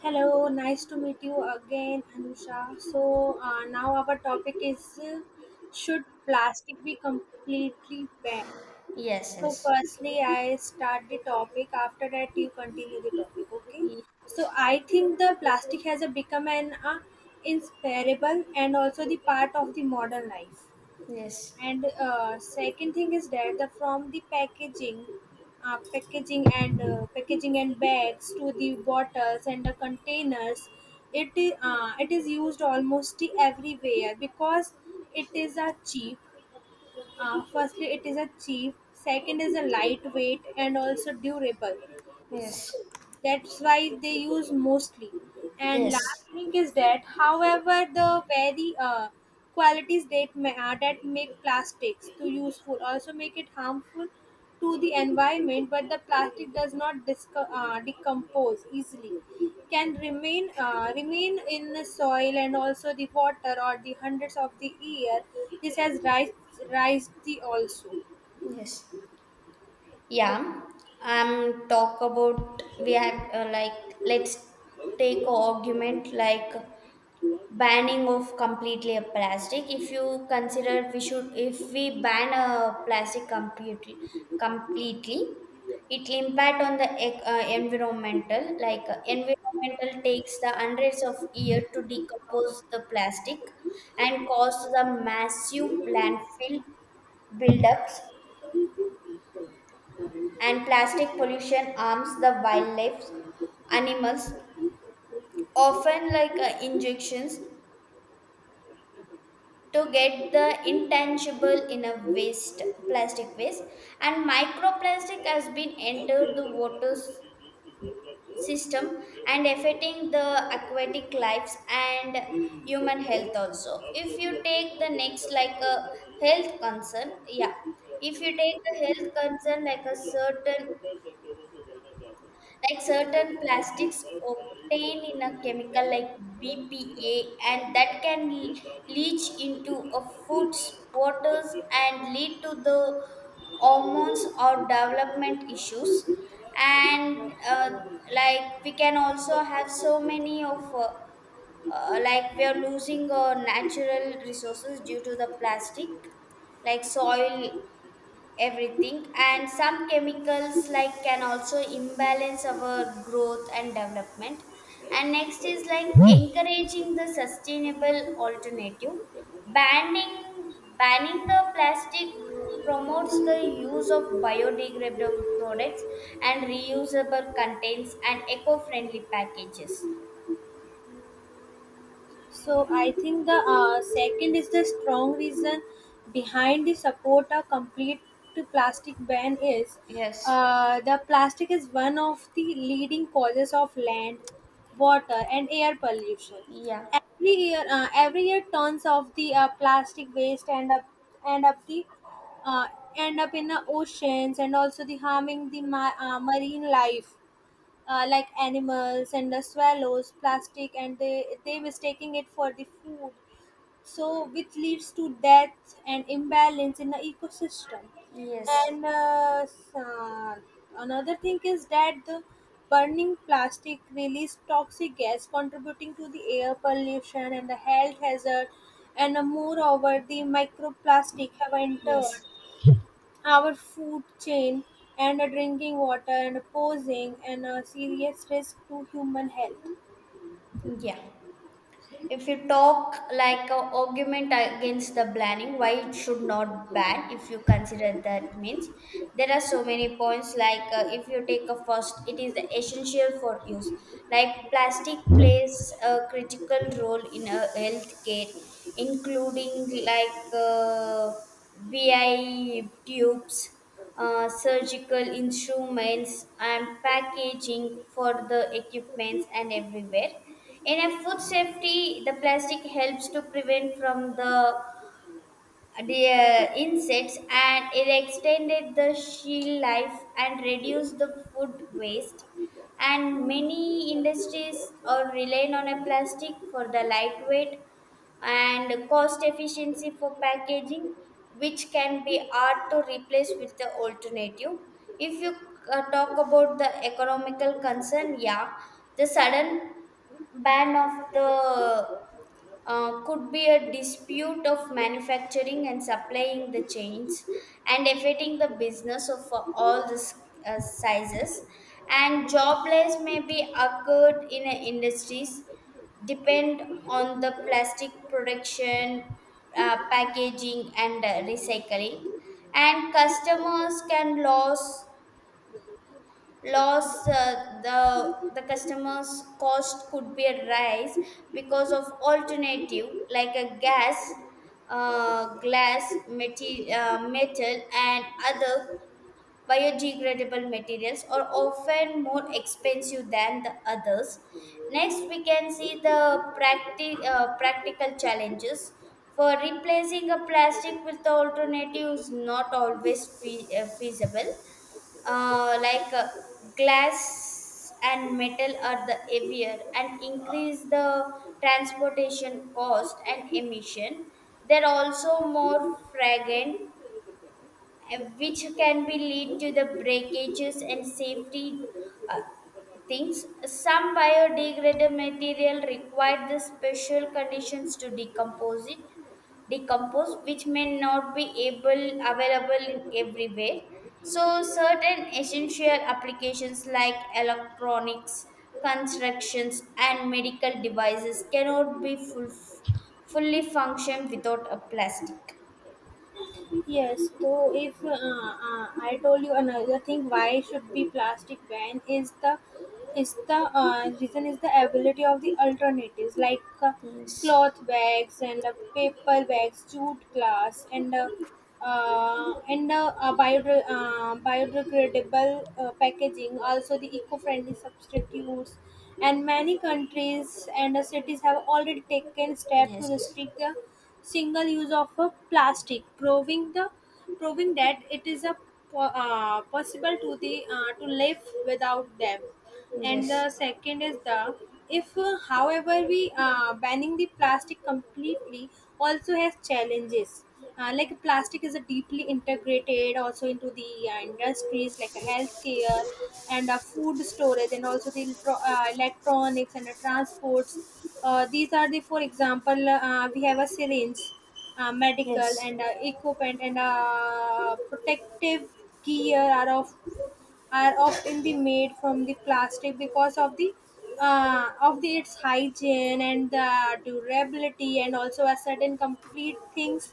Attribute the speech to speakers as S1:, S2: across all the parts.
S1: Hello, nice to meet you again, Anusha. So now our topic is should plastic be completely banned?
S2: Yes,
S1: So
S2: yes,
S1: firstly, I start the topic. After that, you continue the topic. Okay.
S2: Ye-
S1: So I think the plastic has become an inseparable and also the part of the modern life.
S2: yes,
S1: And second thing is that the from the packaging, packaging and bags to the bottles and the containers, it is used almost everywhere because it is a cheap, firstly it is a cheap, second is a lightweight and also durable,
S2: yes,
S1: that's why they use mostly. And last
S2: yes,
S1: thing is that however the very qualities that make plastics too useful also make it harmful to the environment, but the plastic does not decompose easily, can remain remain in the soil and also the water or the hundreds of the year. This has rise the also.
S2: yes. Yeah, talk about we have like let's take argument like banning of completely a plastic if you consider we should if we ban a plastic completely it will impact on the environmental like environmental takes the hundreds of years to decompose the plastic and cause the massive landfill buildups and plastic pollution harms the wildlife animals often like injections to get the intangible in a waste plastic waste and microplastic has been entered the water. System and affecting the aquatic lives and human health also if you take the next like a health concern yeah if you take the health concern like a certain like certain plastics obtained in a chemical like BPA, and that can leach into a foods, waters, and lead to the hormones or development issues. And Like we can also have so many of like we are losing our natural resources due to the plastic like soil everything and some chemicals like can also imbalance our growth and development and next is like encouraging the sustainable alternative banning the plastic promotes the use of biodegradable products and reusable contents and eco-friendly packages. Yeah.
S1: So I think the second is the strong reason behind the support a complete to plastic ban is,
S2: Yes.
S1: the plastic is one of the leading causes of land, water, and air pollution.
S2: Yeah.
S1: Every year tons of the plastic waste end up the uh, end up in the oceans and also the harming the marine life, like animals and the swallows plastic and they mistaking it for the food, so which leads to death and imbalance in the ecosystem.
S2: Yes.
S1: and uh, s- uh, another thing is that the burning plastic release toxic gas contributing to the air pollution and the health hazard. And moreover the microplastic have entered
S2: Yes.
S1: our food chain and a drinking water and a posing and a serious risk to human health.
S2: Yeah. If you talk like a argument against the banning, why it should not ban, if you consider that means, there are so many points. If you take a first, it is essential for use. Like plastic plays a critical role in healthcare, including VI tubes, surgical instruments, and packaging for the equipments and everywhere in a food safety, the plastic helps to prevent from the insects and it extended the shell life and reduced the food waste and many industries are relying on a plastic for the lightweight and cost efficiency for packaging which can be hard to replace with the alternative if you talk about the economical concern, yeah, the sudden ban of the could be a dispute of manufacturing and supplying the chains and affecting the business of all the sizes and job loss may be occurred in industries depend on the plastic production, packaging, and recycling and customers can lose loss the customers cost could be a rise because of alternative like a gas, metal and other biodegradable materials are often more expensive than the others. Next, we can see the practical challenges. For replacing a plastic with the alternative is not always feasible. Uh, like uh, Glass and metal are the heavier and increase the transportation cost and emission. They're also more fragrant, which can be lead to the breakages and safety uh, things. Some biodegradable material require the special conditions to decompose, which may not be able available in everywhere. So certain essential applications like electronics, constructions, and medical devices cannot be fully function without a plastic.
S1: Yes, so if I told you another thing why should be plastic ban is the reason is the ability of the alternatives, like
S2: Yes.
S1: cloth bags and paper bags, jute glass and biodegradable packaging. Also, the eco-friendly substitutes, and many countries and cities have already taken steps to
S2: Yes.
S1: restrict the single use of a plastic, proving that it is a possible to the to live without them. And
S2: Yes.
S1: the second is the if, however, we banning the plastic completely also has challenges, like plastic is a deeply integrated also into the industries like healthcare and food storage and also the electronics and the transports. These are the, for example, we have a syringe, medical
S2: Yes.
S1: and equipment and protective gear are of, are often be made from the plastic because of the its hygiene and the durability, and also a certain complete things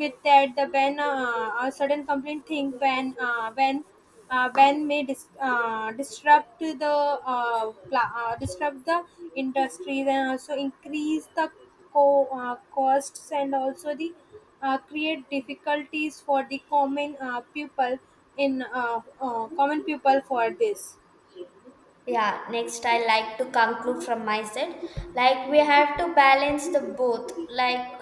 S1: with that the ban, a certain complete thing when ban may disrupt the disrupt the industries and also increase the costs and also the create difficulties for the common people in common people for this.
S2: Yeah, next I like to conclude from my side. Like we have to balance the both, like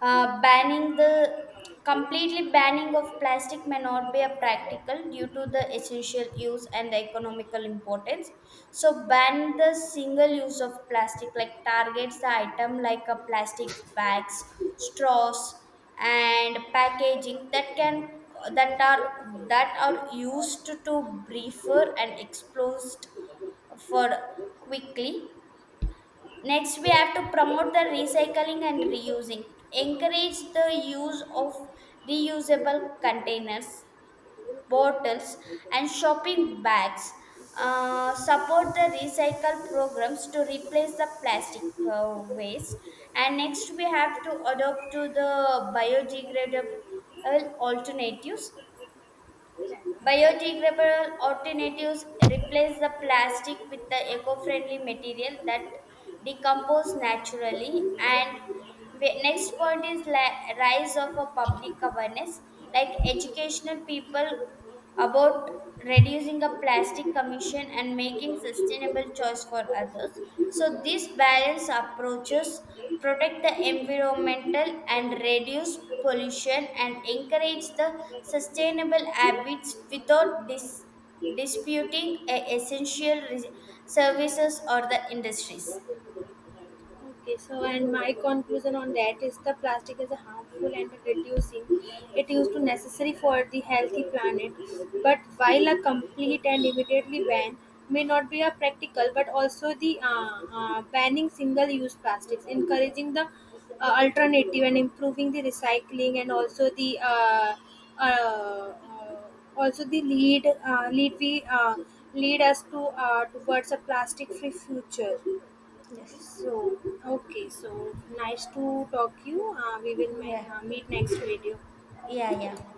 S2: banning the completely banning of plastic may not be a practical due to the essential use and the economical importance. So ban the single use of plastic, like targets the item like a plastic bags, straws, and packaging that can that are used to briefer and exposed for quickly. Next, we have to promote the recycling and reusing. Encourage the use of reusable containers, bottles, and shopping bags. Support the recycle programs to replace the plastic waste. And next, we have to adopt to the biodegradable alternatives. Biodegradable alternatives replace the plastic with the eco-friendly material that decompose naturally. And next point is rise of a public awareness, like educational people about reducing a plastic commission and making sustainable choice for others. So these balance approaches protect the environmental and reduce pollution and encourage the sustainable habits without disputing a essential services or the industries.
S1: Okay, so and my conclusion on that is the plastic is a harmful and reducing. It used to necessary for the healthy planet, but while a complete and immediately ban may not be a practical, but also the banning single-use plastics, encouraging the alternative and improving the recycling and also the uh, uh, lead we lead us to towards a plastic-free future.
S2: Yes.
S1: So okay, so nice to talk you. Uh, we will
S2: Yeah.
S1: ma- uh, meet next video.
S2: Yeah. Yeah.